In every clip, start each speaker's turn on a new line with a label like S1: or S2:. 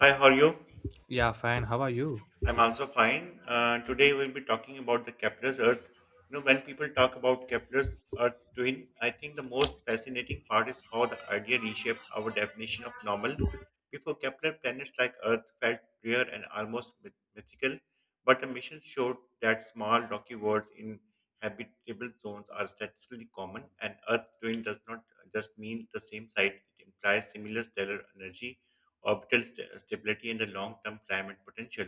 S1: Hi, how are you?
S2: Yeah, fine. How are you?
S1: I'm also fine. Today we'll be talking about the Kepler's Earth. When people talk about Kepler's Earth twin, I think the most fascinating part is how the idea reshaped our definition of normal. Before Kepler, planets like Earth felt rare and almost mythical, but the mission showed that small rocky worlds in habitable zones are statistically common, and Earth twin does not just mean the same site; it implies similar stellar energy, orbital stability, and the long-term climate potential.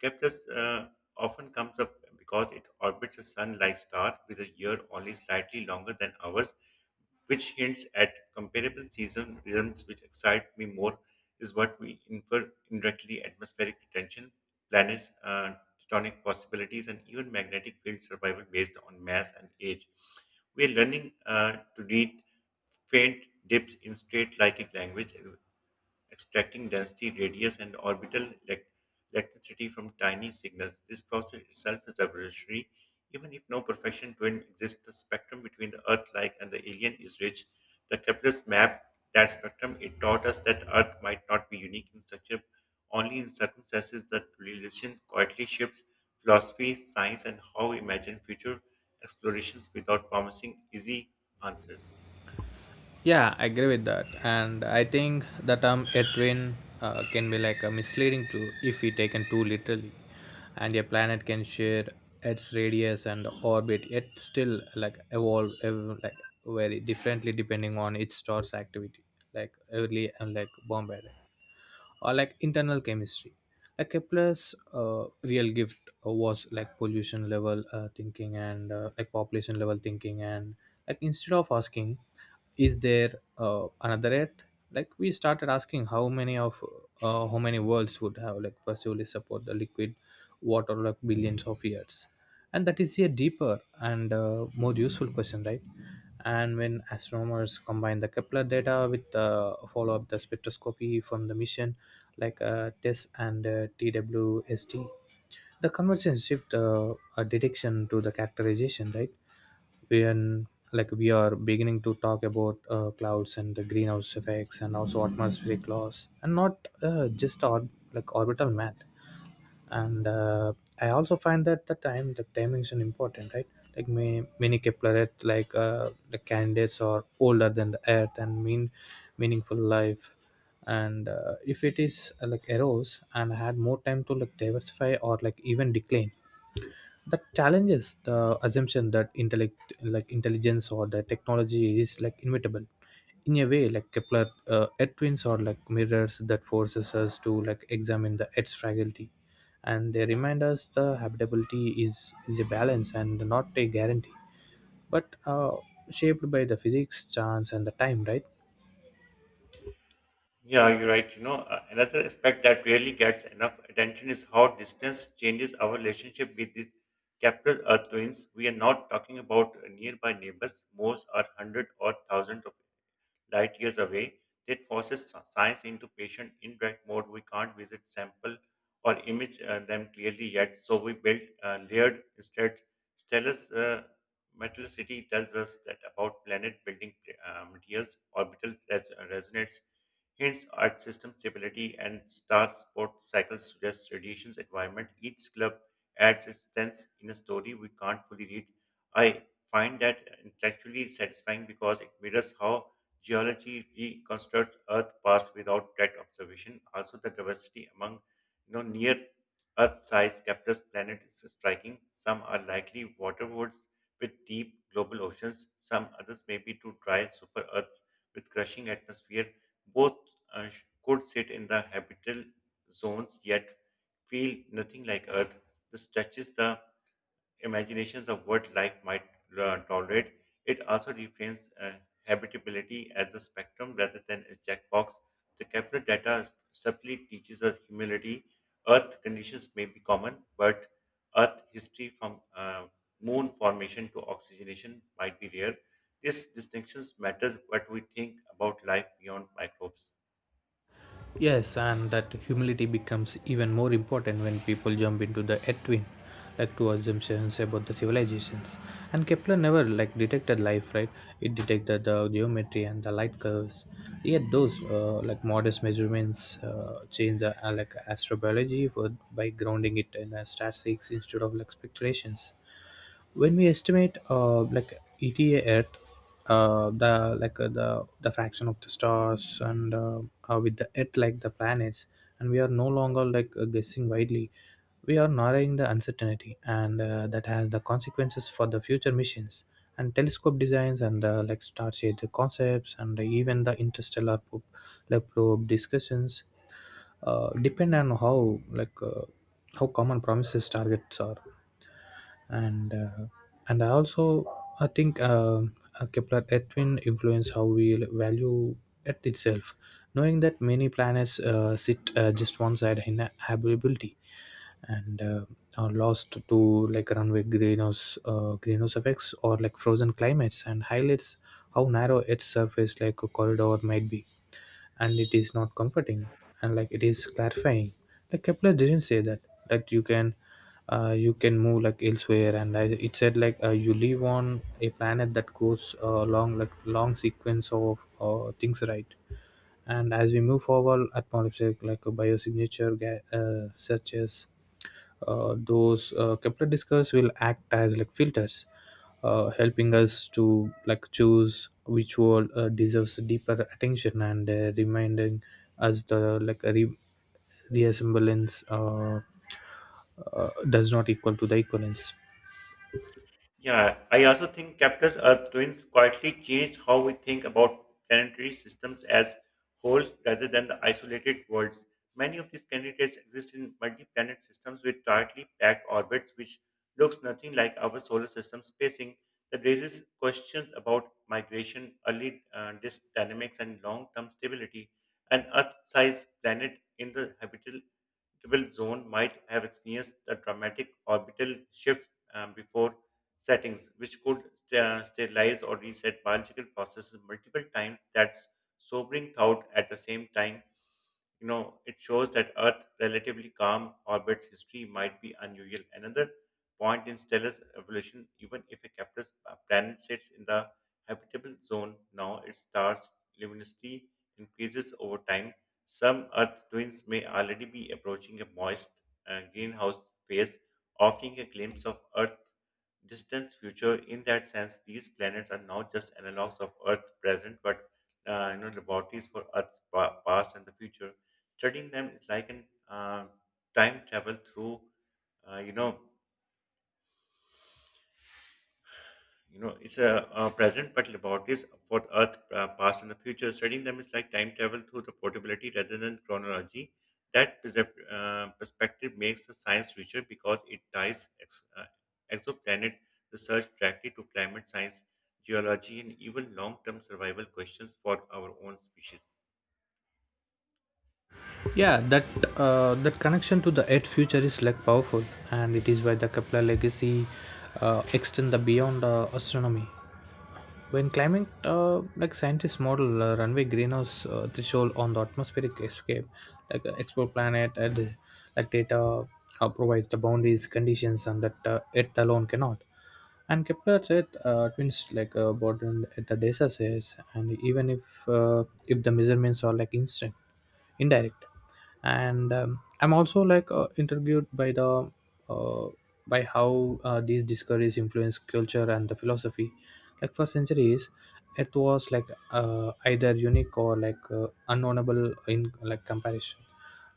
S1: Kepler's often comes up because it orbits a sun-like star with a year only slightly longer than ours, which hints at comparable season rhythms which excite me more is what we infer indirectly atmospheric detention, planets, tectonic possibilities, and even magnetic field survival based on mass and age. We are learning to read faint dips in straight-like language, extracting density, radius, and orbital electricity from tiny signals. This process itself is revolutionary. Even if no perfection twin exists, the spectrum between the Earth like and the alien is rich. The Kepler's map, that spectrum, it taught us that Earth might not be unique in structure, only in circumstances that relation quietly shifts philosophy, science, and how we imagine future explorations without promising easy answers.
S2: Yeah, I agree with that. And I think the term a train can be like a misleading too if we taken too literally. And a planet can share its radius and orbit, yet still like evolve, like very differently depending on its star's activity, like early and like Bombay, or like internal chemistry. Like Kepler's uh, real gift was like pollution level thinking and like population level thinking. And like instead of asking, is there another Earth, like we started asking how many of how many worlds would have like possibly support the liquid water like billions of years. And that is a deeper and more useful question, right? And when astronomers combine the Kepler data with the follow up the spectroscopy from the mission, like tes and twst, the conversation shift a detection to the characterization, right? When like we are beginning to talk about clouds and the greenhouse effects and also atmospheric laws and not just or like orbital math. And I also find that the time the dimension important, right? Like many Kepler, like the Candidates, are older than the Earth and meaningful life. And if it is like arose and had more time to like diversify or like even decline, that challenges the assumption that like intelligence or the technology is like inevitable. In a way, like Kepler, Earth twins are like mirrors that forces us to like examine the Earth's fragility, and they remind us the habitability is a balance and not a guarantee, but shaped by the physics, chance, and the time, right?
S1: Yeah, you're right. Another aspect that rarely gets enough attention is how distance changes our relationship with these capital Earth twins. We are not talking about nearby neighbors. Most are hundred or thousands of light years away. That forces science into patient indirect mode. We can't visit sample or image them clearly yet, so we built layered instead. Stellar's metallicity tells us that about planet building materials. Orbital resonates hints at system stability and star sport cycles suggest radiation's environment. Each club adds its sense in a story we can't fully read. I find that intellectually satisfying because it mirrors how geology reconstructs Earth's past without direct observation. Also, the diversity among near Earth-sized capitalist planets is striking. Some are likely waterworlds with deep global oceans. Some others may be too dry super Earths with crushing atmosphere both could sit in the habitable zones yet feel nothing like Earth. This touches the imaginations of what life might tolerate. It also reframes habitability as a spectrum rather than a checkbox. The Kepler data subtly teaches us humility. Earth conditions may be common, but Earth history from moon formation to oxygenation might be rare. This distinctions matters what we think about life beyond microbes.
S2: Yes, and that humility becomes even more important when people jump into the etwin, like two assumptions about the civilizations. And Kepler never like detected life, right? It detected the geometry and the light curves. Yet those like modest measurements change the like astrobiology by grounding it in statistics instead of like speculations. When we estimate like ETA Earth, the like the fraction of the stars and with the Earth like the planets, and we are no longer like guessing widely. We are narrowing the uncertainty, and that has the consequences for the future missions and telescope designs and like star shade the concepts and even the interstellar probe discussions depend on how like how common promises targets are, and uh, and I also I think a Kepler twin influence how we value Earth itself, knowing that many planets sit just one side in habitability and are lost to like runaway greenhouse effects or like frozen climates and highlights how narrow its surface like a corridor might be, and it is not comforting and like it is clarifying. Like Kepler didn't say that that you can you can move like elsewhere, and it said like you live on a planet that goes long sequence of things, right? And as we move forward at Polypsych, like a biosignature such as those Kepler discs will act as like filters, helping us to like choose which word deserves deeper attention and reminding us the like reassemblance does not equal to the equivalence.
S1: Yeah, I also think Kepler's Earth twins quietly changed how we think about planetary systems as whole rather than the isolated worlds. Many of these candidates exist in multi-planet systems with tightly packed orbits, which looks nothing like our solar system spacing. That raises questions about migration, early disk dynamics, and long-term stability. An Earth-sized planet in the habitable zone might have experienced a dramatic orbital shifts before settings, which could sterilize or reset biological processes multiple times. That's sobering thought at the same time. It shows that Earth's relatively calm orbit's history might be unusual. Another point in stellar evolution, even if a capitalist planet sits in the habitable zone now, its star's luminosity increases over time. Some Earth twins may already be approaching a moist greenhouse phase, offering a glimpse of Earth distant future. In that sense, these planets are not just analogs of Earth present, but laboratories for Earth's past and the future. Studying them is like an time travel through, uh, you know. It's a present but laboratories for the Earth, past, and the future. Studying them is like time travel through the portability rather than chronology. That perspective makes the science richer because it ties exoplanet research directly to climate science, geology, and even long-term survival questions for our own species.
S2: Yeah, that connection to the Earth future is like powerful, and it is why the Kepler legacy extend the beyond astronomy. When climate, like scientists model runway greenhouse threshold on the atmospheric escape, like explore planet and like data provides the boundaries, conditions, and that Earth alone cannot. And Kepler said twins like bottom at the data says, and even if the measurements are like instant, indirect. And I'm also like intrigued uh, by how these discoveries influence culture and the philosophy. Like for centuries, it was like either unique or like unknownable in like comparison.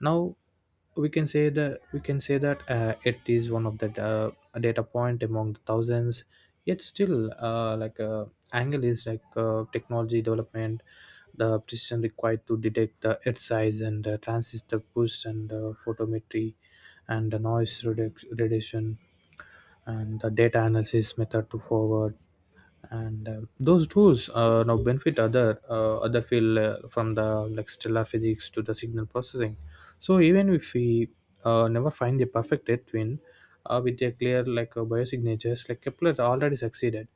S2: Now we can say that it is one of the a data point among the thousands, yet still like angle is like technology development. The precision required to detect the earth size and transistor boost and photometry and the noise reduction and the data analysis method to forward, and those tools now benefit other other field from the like stellar physics to the signal processing. So even if we never find the perfect red twin with their clear like biosignatures, like Kepler already succeeded,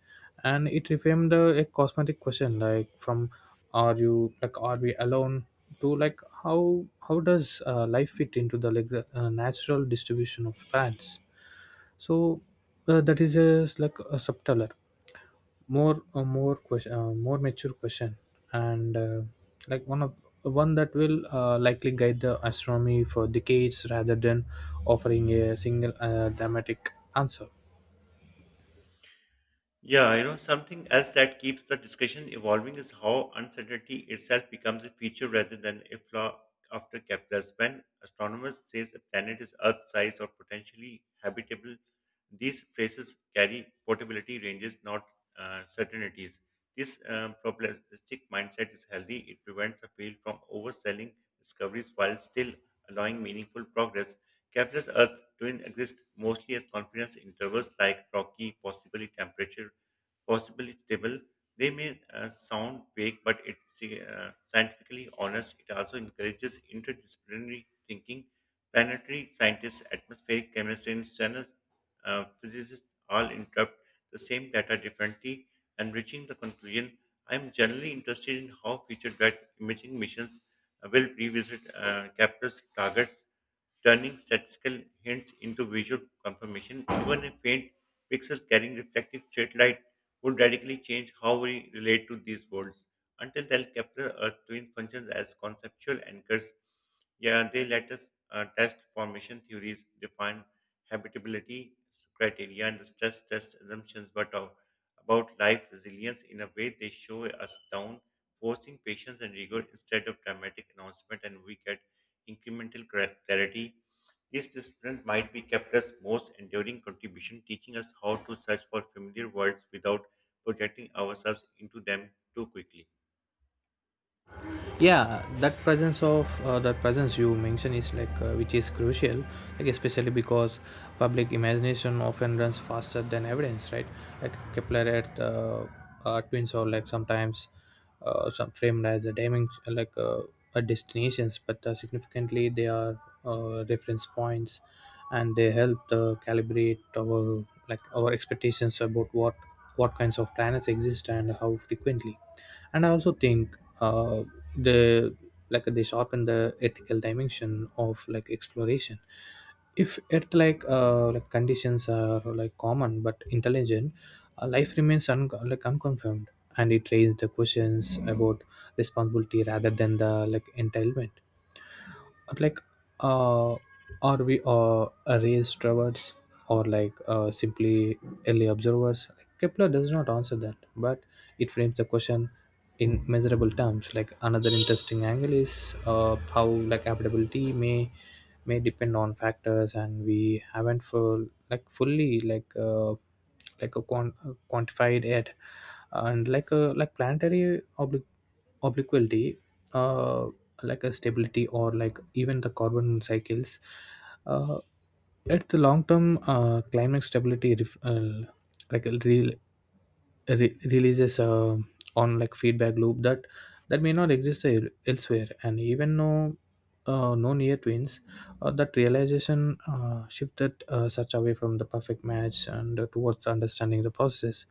S2: and it reframed the a cosmetic question, like from are we alone to like how does life fit into the natural distribution of planets? So that is a, like a subtler more a more question, more mature question, and like one that will likely guide the astronomy for decades rather than offering a single dramatic answer.
S1: Yeah, something else that keeps the discussion evolving is how uncertainty itself becomes a feature rather than a flaw after Kepler's. When astronomers say a planet is Earth-sized or potentially habitable, these phrases carry portability ranges, not certainties. This probabilistic mindset is healthy. It prevents a field from overselling discoveries while still allowing meaningful progress. Kepler's Earth twin exist mostly as confidence intervals like rocky, possibly temperature, possibly stable. They may sound vague, but it's scientifically honest. It also encourages interdisciplinary thinking. Planetary scientists, atmospheric chemistry, and general physicists all interpret the same data differently, enriching the conclusion. I am generally interested in how future-led imaging missions will revisit captures targets turning statistical hints into visual confirmation. Even a faint pixel carrying reflective straight light would radically change how we relate to these worlds. Until then, Kepler Earth twin functions as conceptual anchors. Yeah, they let us test formation theories, define habitability criteria, and the stress test assumptions, but about life resilience in a way they show us down, forcing patience and rigor instead of dramatic announcement, and we get incremental clarity. This discipline might be kept as most enduring contribution, teaching us how to search for familiar words without projecting ourselves into them too quickly.
S2: Yeah, that presence you mention is like which is crucial, like especially because public imagination often runs faster than evidence, right? Like Kepler at twins or like sometimes some framed as a dimension, like a destinations, but significantly they are reference points, and they help calibrate our expectations about what kinds of planets exist and how frequently. And I also think uh, the like they sharpen the ethical dimension of like exploration. If it like conditions are like common but intelligent life remains like unconfirmed, and it raises the questions about responsibility rather than the like entitlement. Like uh are we raised travelers or like simply early observers? Kepler does not answer that, but it frames the question in measurable terms. Like another interesting angle is how like habitability may depend on factors, and we haven't full like fully quantified it, and like a like planetary obliquity, uh, like a stability or like even the carbon cycles, uh, at the long term climate stability like real releases on like feedback loop that may not exist elsewhere, and even no near twins. That realization shifted such away from the perfect match and towards understanding the process.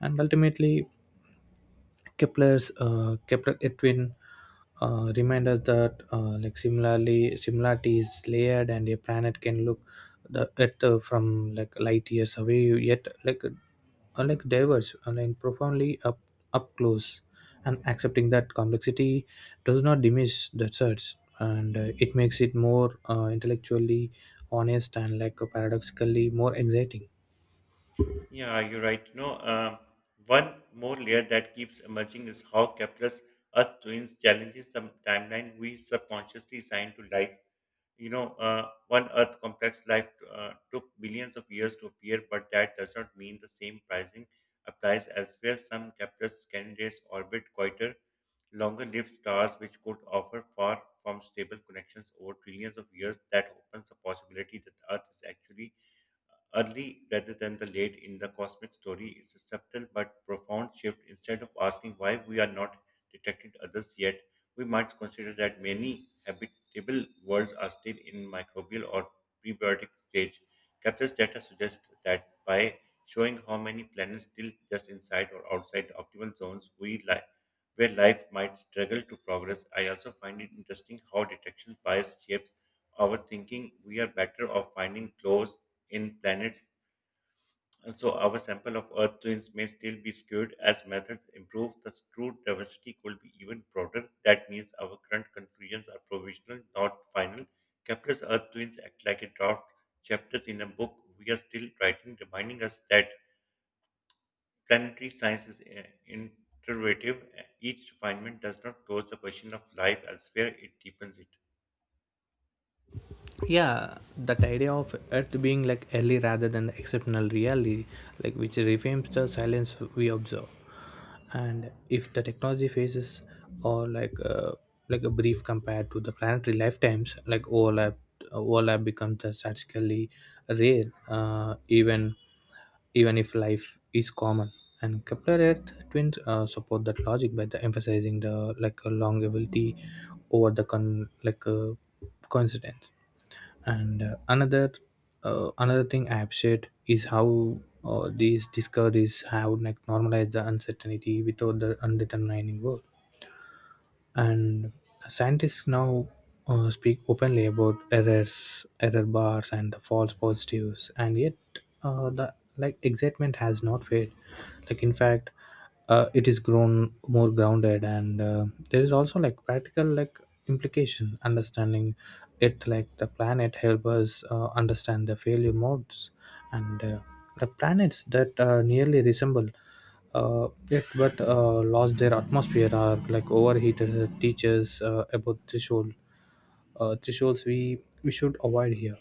S2: And ultimately, Kepler Edwin remind us that like similarly similarity is layered, and a planet can look the Earth from like light years away, yet like diverse and like, profoundly up close. And accepting that complexity does not diminish the search, and it makes it more intellectually honest and like paradoxically more exciting.
S1: Yeah, you're right. One more layer that keeps emerging is how Kepler's Earth twins challenges the timeline we subconsciously assign to life. One Earth complex life took billions of years to appear, but that does not mean the same pricing applies elsewhere. Some Kepler's candidates orbit quieter, longer-lived stars, which could offer far from stable connections over trillions of years. That opens the possibility that Earth is actually early rather than the late in the cosmic story is a subtle but profound shift. Instead of asking why we are not detected others yet, we might consider that many habitable worlds are still in microbial or prebiotic stage. Kepler's data suggests that by showing how many planets still just inside or outside the optimal zones we li- where life might struggle to progress, I also find it interesting how detection bias shapes our thinking. We are better off finding close in planets. So our sample of Earth twins may still be skewed as methods improve. The true diversity could be even broader. That means our current conclusions are provisional, not final. Kepler's Earth twins act like a draft chapters in a book we are still writing, reminding us that planetary science is iterative. Each refinement does not close the question of life elsewhere; it deepens it.
S2: Yeah, that idea of Earth being like early rather than the exceptional reality, like which reframes the silence we observe. And if the technology phases or like a brief compared to the planetary lifetimes, like overlap becomes the statistically rare, even if life is common. And Kepler earth twins support that logic by the emphasizing the like a longevity over the con like coincidence. And another thing I appreciate is how these discoveries have like normalized the uncertainty without the undetermining world. And scientists now speak openly about error bars and the false positives, and yet the like excitement has not faded, like in fact it is grown more grounded. And there is also like practical like implication understanding it, like the planet help us understand the failure modes. And the planets that nearly resemble yet but lost their atmosphere are like overheated teachers about thresholds we should avoid here.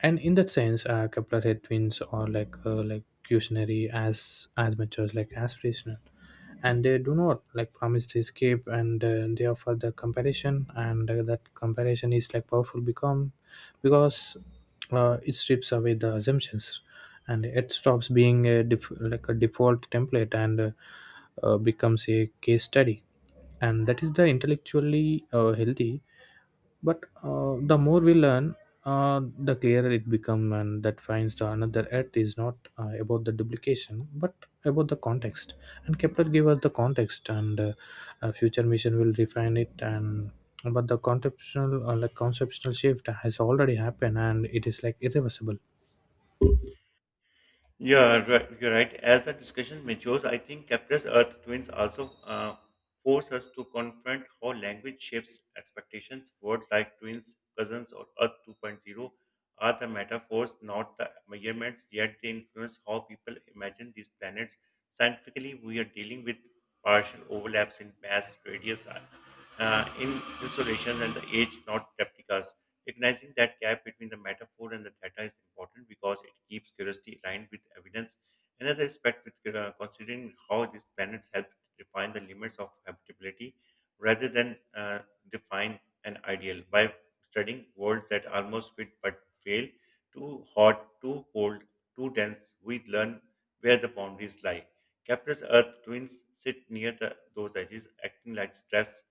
S2: And in that sense, Kepler head twins are like cautionary as much as like aspirational. Yeah. And they do not like promise to escape, and they offer the comparison. And that comparison is like powerful become because it strips away the assumptions. And it stops being like a default template and becomes a case study. And that is the intellectually healthy. But the more we learn, the clearer it becomes, and that finds the another earth is not about the duplication but about the context. And Kepler gave us the context, and a future mission will refine it. And but the conceptual like conceptual shift has already happened, and it is like irreversible.
S1: Yeah, right, you're right. As the discussion matures, I think Kepler's Earth twins also force us to confront how language shapes expectations. Words like twins, cousins, or Earth 2.0 are the metaphors, not the measurements, yet they influence how people imagine these planets. Scientifically, we are dealing with partial overlaps in mass, radius, in insolation, and the age, not replicas. Recognizing that gap between the metaphor and the data is important because it keeps curiosity aligned with evidence. Another aspect with considering how these planets help define the limits of habitability rather than define an ideal. By studying worlds that almost fit but fail, too hot, too cold, too dense, we learn where the boundaries lie. Capricorn's Earth twins sit near the, those edges, acting like stress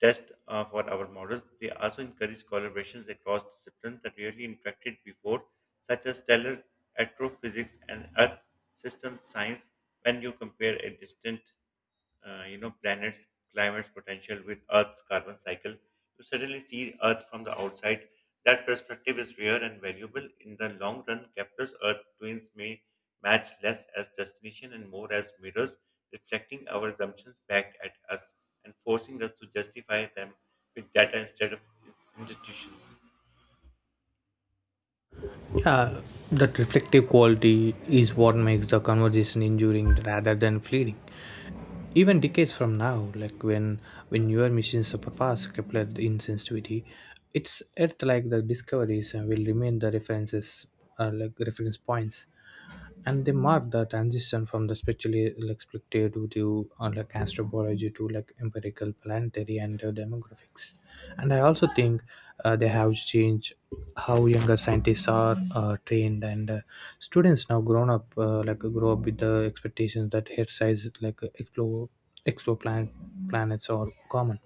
S1: test for our models. They also encourage collaborations across disciplines that rarely interacted before, such as stellar astrophysics and Earth system science. When you compare a distant planets climate's potential with Earth's carbon cycle, you suddenly see Earth from the outside. That perspective is rare and valuable. In the long run, Kepler's Earth twins may match less as destination and more as mirrors, reflecting our assumptions back at us and forcing us to justify them with data instead of institutions.
S2: Yeah, that reflective quality is what makes the conversation enduring rather than fleeting. Even decades from now, like when newer machines of past Kepler in sensitivity, it's earth like the discoveries will remain the references, like reference points. And they mark the transition from the spiritually like speculative to the like astrobiology to like empirical planetary and demographics. And I also think they have changed how younger scientists are trained, and students now grown up like grow up with the expectations that head size like explore planets are common,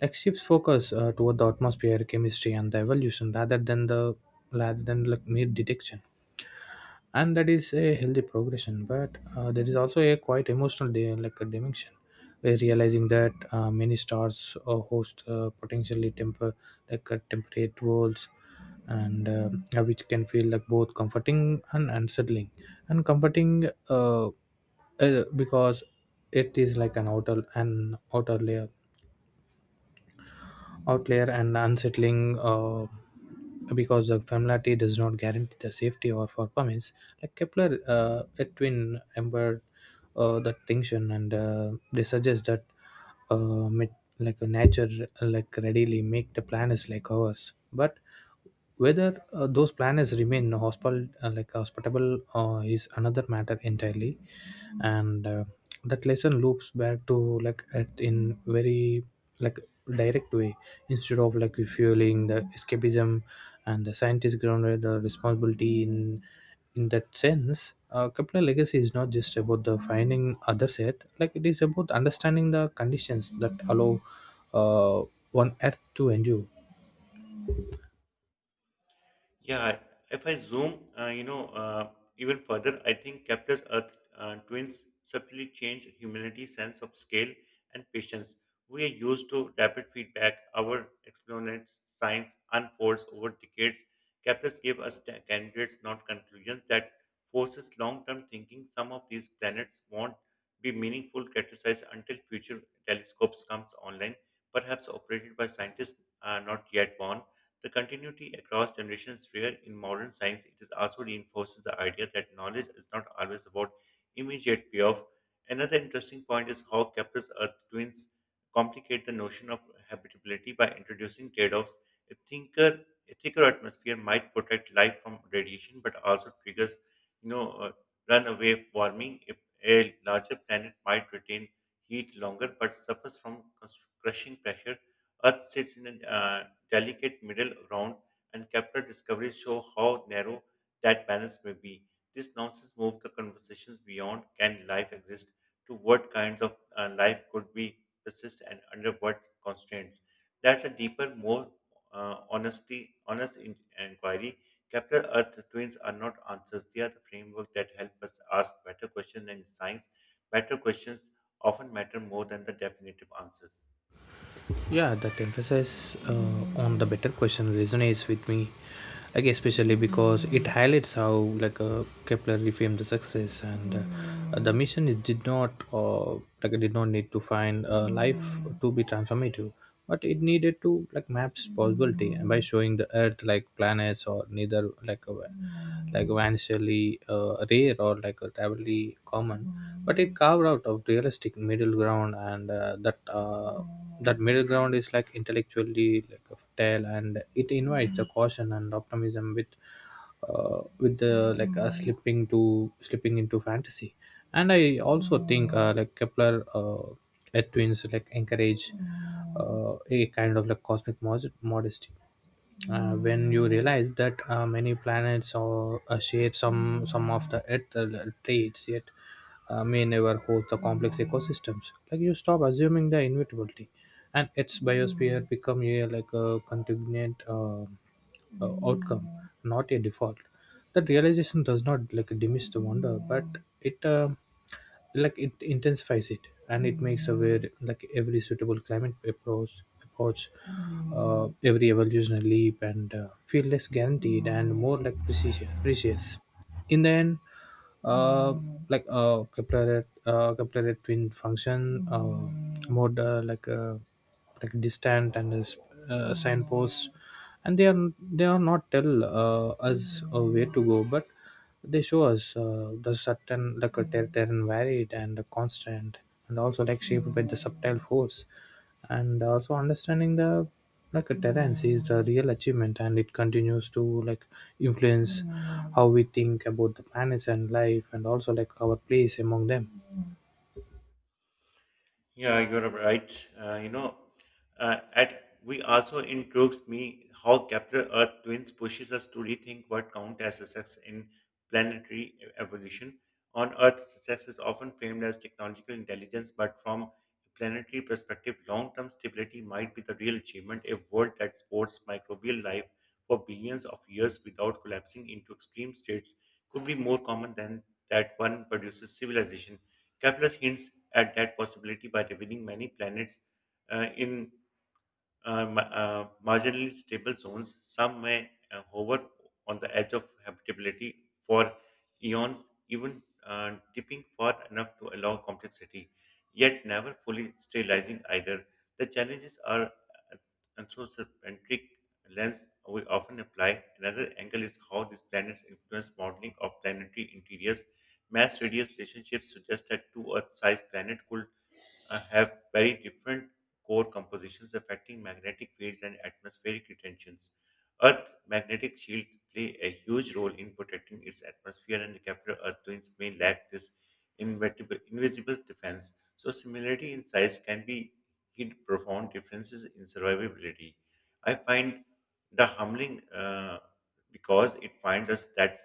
S2: like shifts focus toward the atmosphere chemistry and the evolution rather than like mere detection. And that is a healthy progression, but there is also a quite emotional like a dimension where realizing that many stars host potentially temper like temperate worlds, and which can feel like both comforting and unsettling. And comforting because it is like an outer layer outlier, and unsettling because the familiarity does not guarantee the safety or for permits. Like Kepler, Edwin embedded that tension, and they suggest that uh, mit- like a nature like readily make the planets like ours, but whether those planets remain hospital, like hospitable, is another matter entirely. And that lesson loops back to like at in very like direct way, instead of like refueling the escapism. And the scientist grounded the responsibility in that sense. Kepler legacy is not just about the finding other set, like it is about understanding the conditions that allow uh, one earth to endure.
S1: Yeah, if I zoom, even further, I think Kepler's Earth twins subtly change humanity's sense of scale and patience. We are used to rapid feedback. Our exponents' science unfolds over decades. Kepler's gave us candidates, not conclusions. That forces long-term thinking. Some of these planets won't be meaningful categorized until future telescopes comes online, perhaps operated by scientists not yet born. The continuity across generations rare in modern science. It is also reinforces the idea that knowledge is not always about immediate payoff. Another interesting point is how Kepler's Earth twins complicate the notion of habitability by introducing trade-offs. A thinker, a thicker atmosphere might protect life from radiation, but also triggers, you know, uh, runaway warming. If a larger planet might retain heat longer, but suffers from crushing pressure Earth sits in a delicate middle ground, and Kepler discoveries show how narrow that balance may be. These nuances move the conversations beyond can life exist to what kinds of life could be persist and under what constraints. That's a deeper, more inquiry. Kepler Earth twins are not answers; they are the framework that help us ask better questions than science. Better questions often matter more than the definitive answers.
S2: Yeah, that emphasis on the better question resonates with me, like especially because it highlights how like Kepler reframed the success and the mission. It did not, like did not need to find life to be transformative, but it needed to like maps possibility by showing the earth like planets or neither like a like vanishingly rare or like a terribly common, but it carved out of realistic middle ground, and that middle ground is like intellectually like a tale, and it invites the caution and optimism with the like slipping into fantasy. And I also think like Kepler twins like encourage a kind of like cosmic modesty. When you realize that many planets or share some of the earth traits, yet may never host the complex ecosystems, like you stop assuming the inevitability, and its biosphere become a like a contingent outcome, not a default. That realization does not like diminish the wonder, but it like it intensifies it. And it makes aware like every suitable climate approach, every evolutionary leap, and feel less guaranteed and more like precious. In the end, uh, like Kepler twin function more like distant and a signpost. And they are not tell us where to go, but they show us the certain like they're varied and constant, and also like shaped by the subtle force. And also understanding the like a talent is the real achievement, and it continues to like influence how we think about the planets and life and also like our place among them.
S1: Yeah, you're right. At we also intrigues me how Capital Earth Twins pushes us to rethink what count as success in planetary evolution. On Earth, success is often framed as technological intelligence, but from a planetary perspective, long-term stability might be the real achievement. A world that supports microbial life for billions of years without collapsing into extreme states could be more common than that one produces civilization. Kepler hints at that possibility by revealing many planets in marginally stable zones. Some may hover on the edge of habitability for eons, even dipping far enough to allow complexity, yet never fully sterilizing either. The challenges are anthropocentric lens we often apply. Another angle is how these planets influence modeling of planetary interiors. Mass radius relationships suggest that two Earth-sized planet could have very different core compositions affecting magnetic fields and atmospheric retentions. Earth's magnetic shield play a huge role in protecting its atmosphere, and the capital Earth twins may lack this invisible defense. So, similarity in size can be hid profound differences in survivability. I find the humbling because it finds us that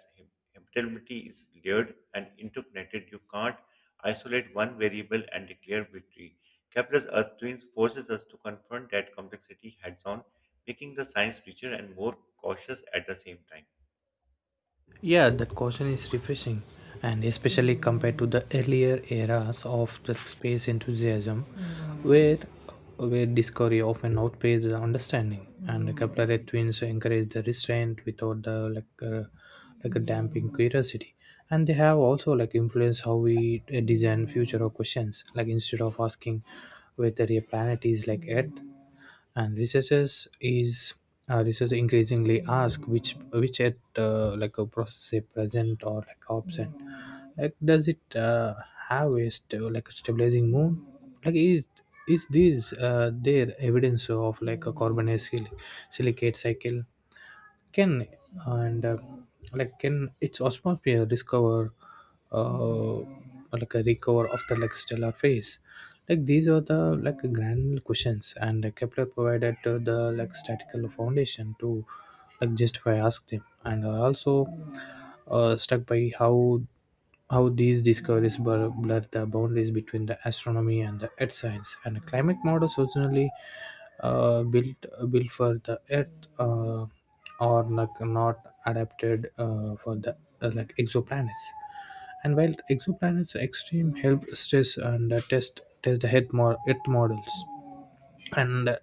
S1: habitability is layered and interconnected. You can't isolate one variable and declare victory. Kepler's Earth twins forces us to confront that complexity heads on, making the science richer and more cautious at the same time.
S2: Yeah, that caution is refreshing, and especially compared to the earlier eras of the space enthusiasm, where where discovery often outpaced the understanding, and the Kepler twins encourage the restraint without the like a damping curiosity, and they have also like influence how we design future of questions. Like instead of asking whether a planet is like Earth, and research increasingly ask which at like a process is present or like absent. Like does it have a like a stabilizing moon. Like is this their evidence of like a carbon silicate cycle. Can. And like can its atmosphere discover, uh, like a recover after like stellar phase. Like these are the like grand questions, and Kepler provided the like statistical foundation to like justify ask them. And also struck by how these discoveries blur the boundaries between the astronomy and the earth science. And climate models originally built for the earth are like not adapted for the like exoplanets, and while exoplanets extreme help stress and test the earth models. And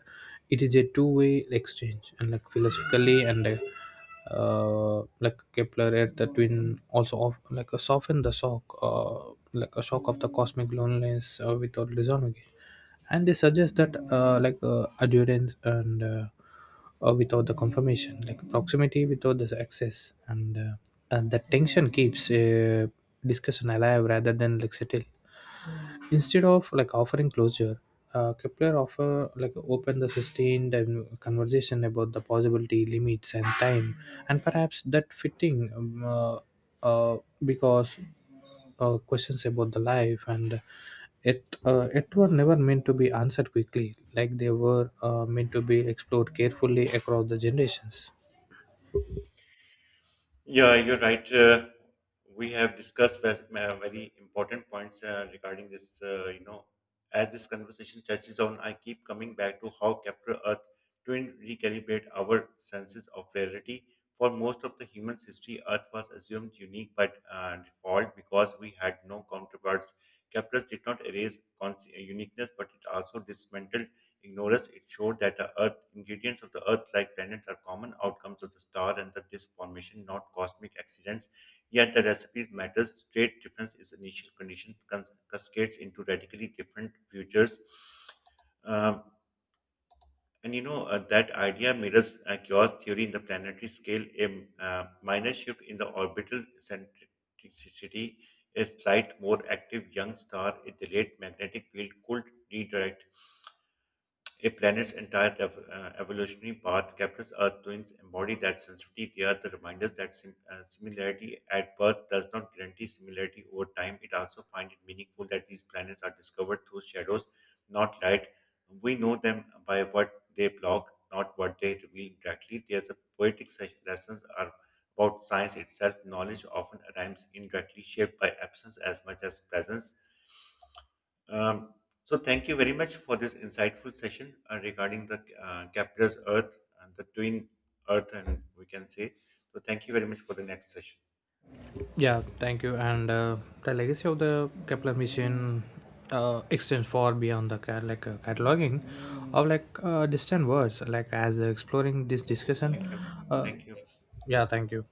S2: it is a two-way exchange and like philosophically. And like Kepler at the twin also of, like soften the shock, like a shock of the cosmic loneliness, without resolving it. And they suggest that like adherence, and without the confirmation, like proximity without the access. And the tension keeps discussion alive rather than like settle. Instead of like offering closure, Kepler offer like open the sustained and conversation about the possibility, limits, and time, and perhaps that fitting. Uh, because questions about the life and it were never meant to be answered quickly, like they were meant to be explored carefully across the generations.
S1: Yeah, you're right. We have discussed very important points regarding this. As this conversation touches on, I keep coming back to how Kepler Earth twin recalibrate our senses of reality. For most of the human's history, Earth was assumed unique by default because we had no counterparts. Kepler did not erase uniqueness, but it also dismantled ignorance, it showed that the Earth ingredients of the Earth-like planets are common outcomes of the star and the disk formation, not cosmic accidents. Yet the recipes matters. Great difference is initial condition cascades into radically different futures. Um, and that idea mirrors chaos theory in the planetary scale. A minor shift in the orbital centricity, a slight more active young star, a delayed magnetic field could redirect a planet's entire evolutionary path. Kepler's Earth twins embody that sensitivity. They are the reminders that similarity at birth does not guarantee similarity over time. It also finds it meaningful that these planets are discovered through shadows, not light. We know them by what they block, not what they reveal directly. There's a poetic lessons are about science itself. Knowledge often arrives indirectly, shaped by absence as much as presence. Um, so thank you very much for this insightful session regarding the Capra's Earth and the twin Earth, and we can say. So thank you very much for the next session.
S2: Yeah, thank you. And the legacy of the Kepler mission extends far beyond the like cataloging of like distant words. Like as exploring this discussion,
S1: Thank you.
S2: uh,
S1: Thank you.
S2: yeah, thank you.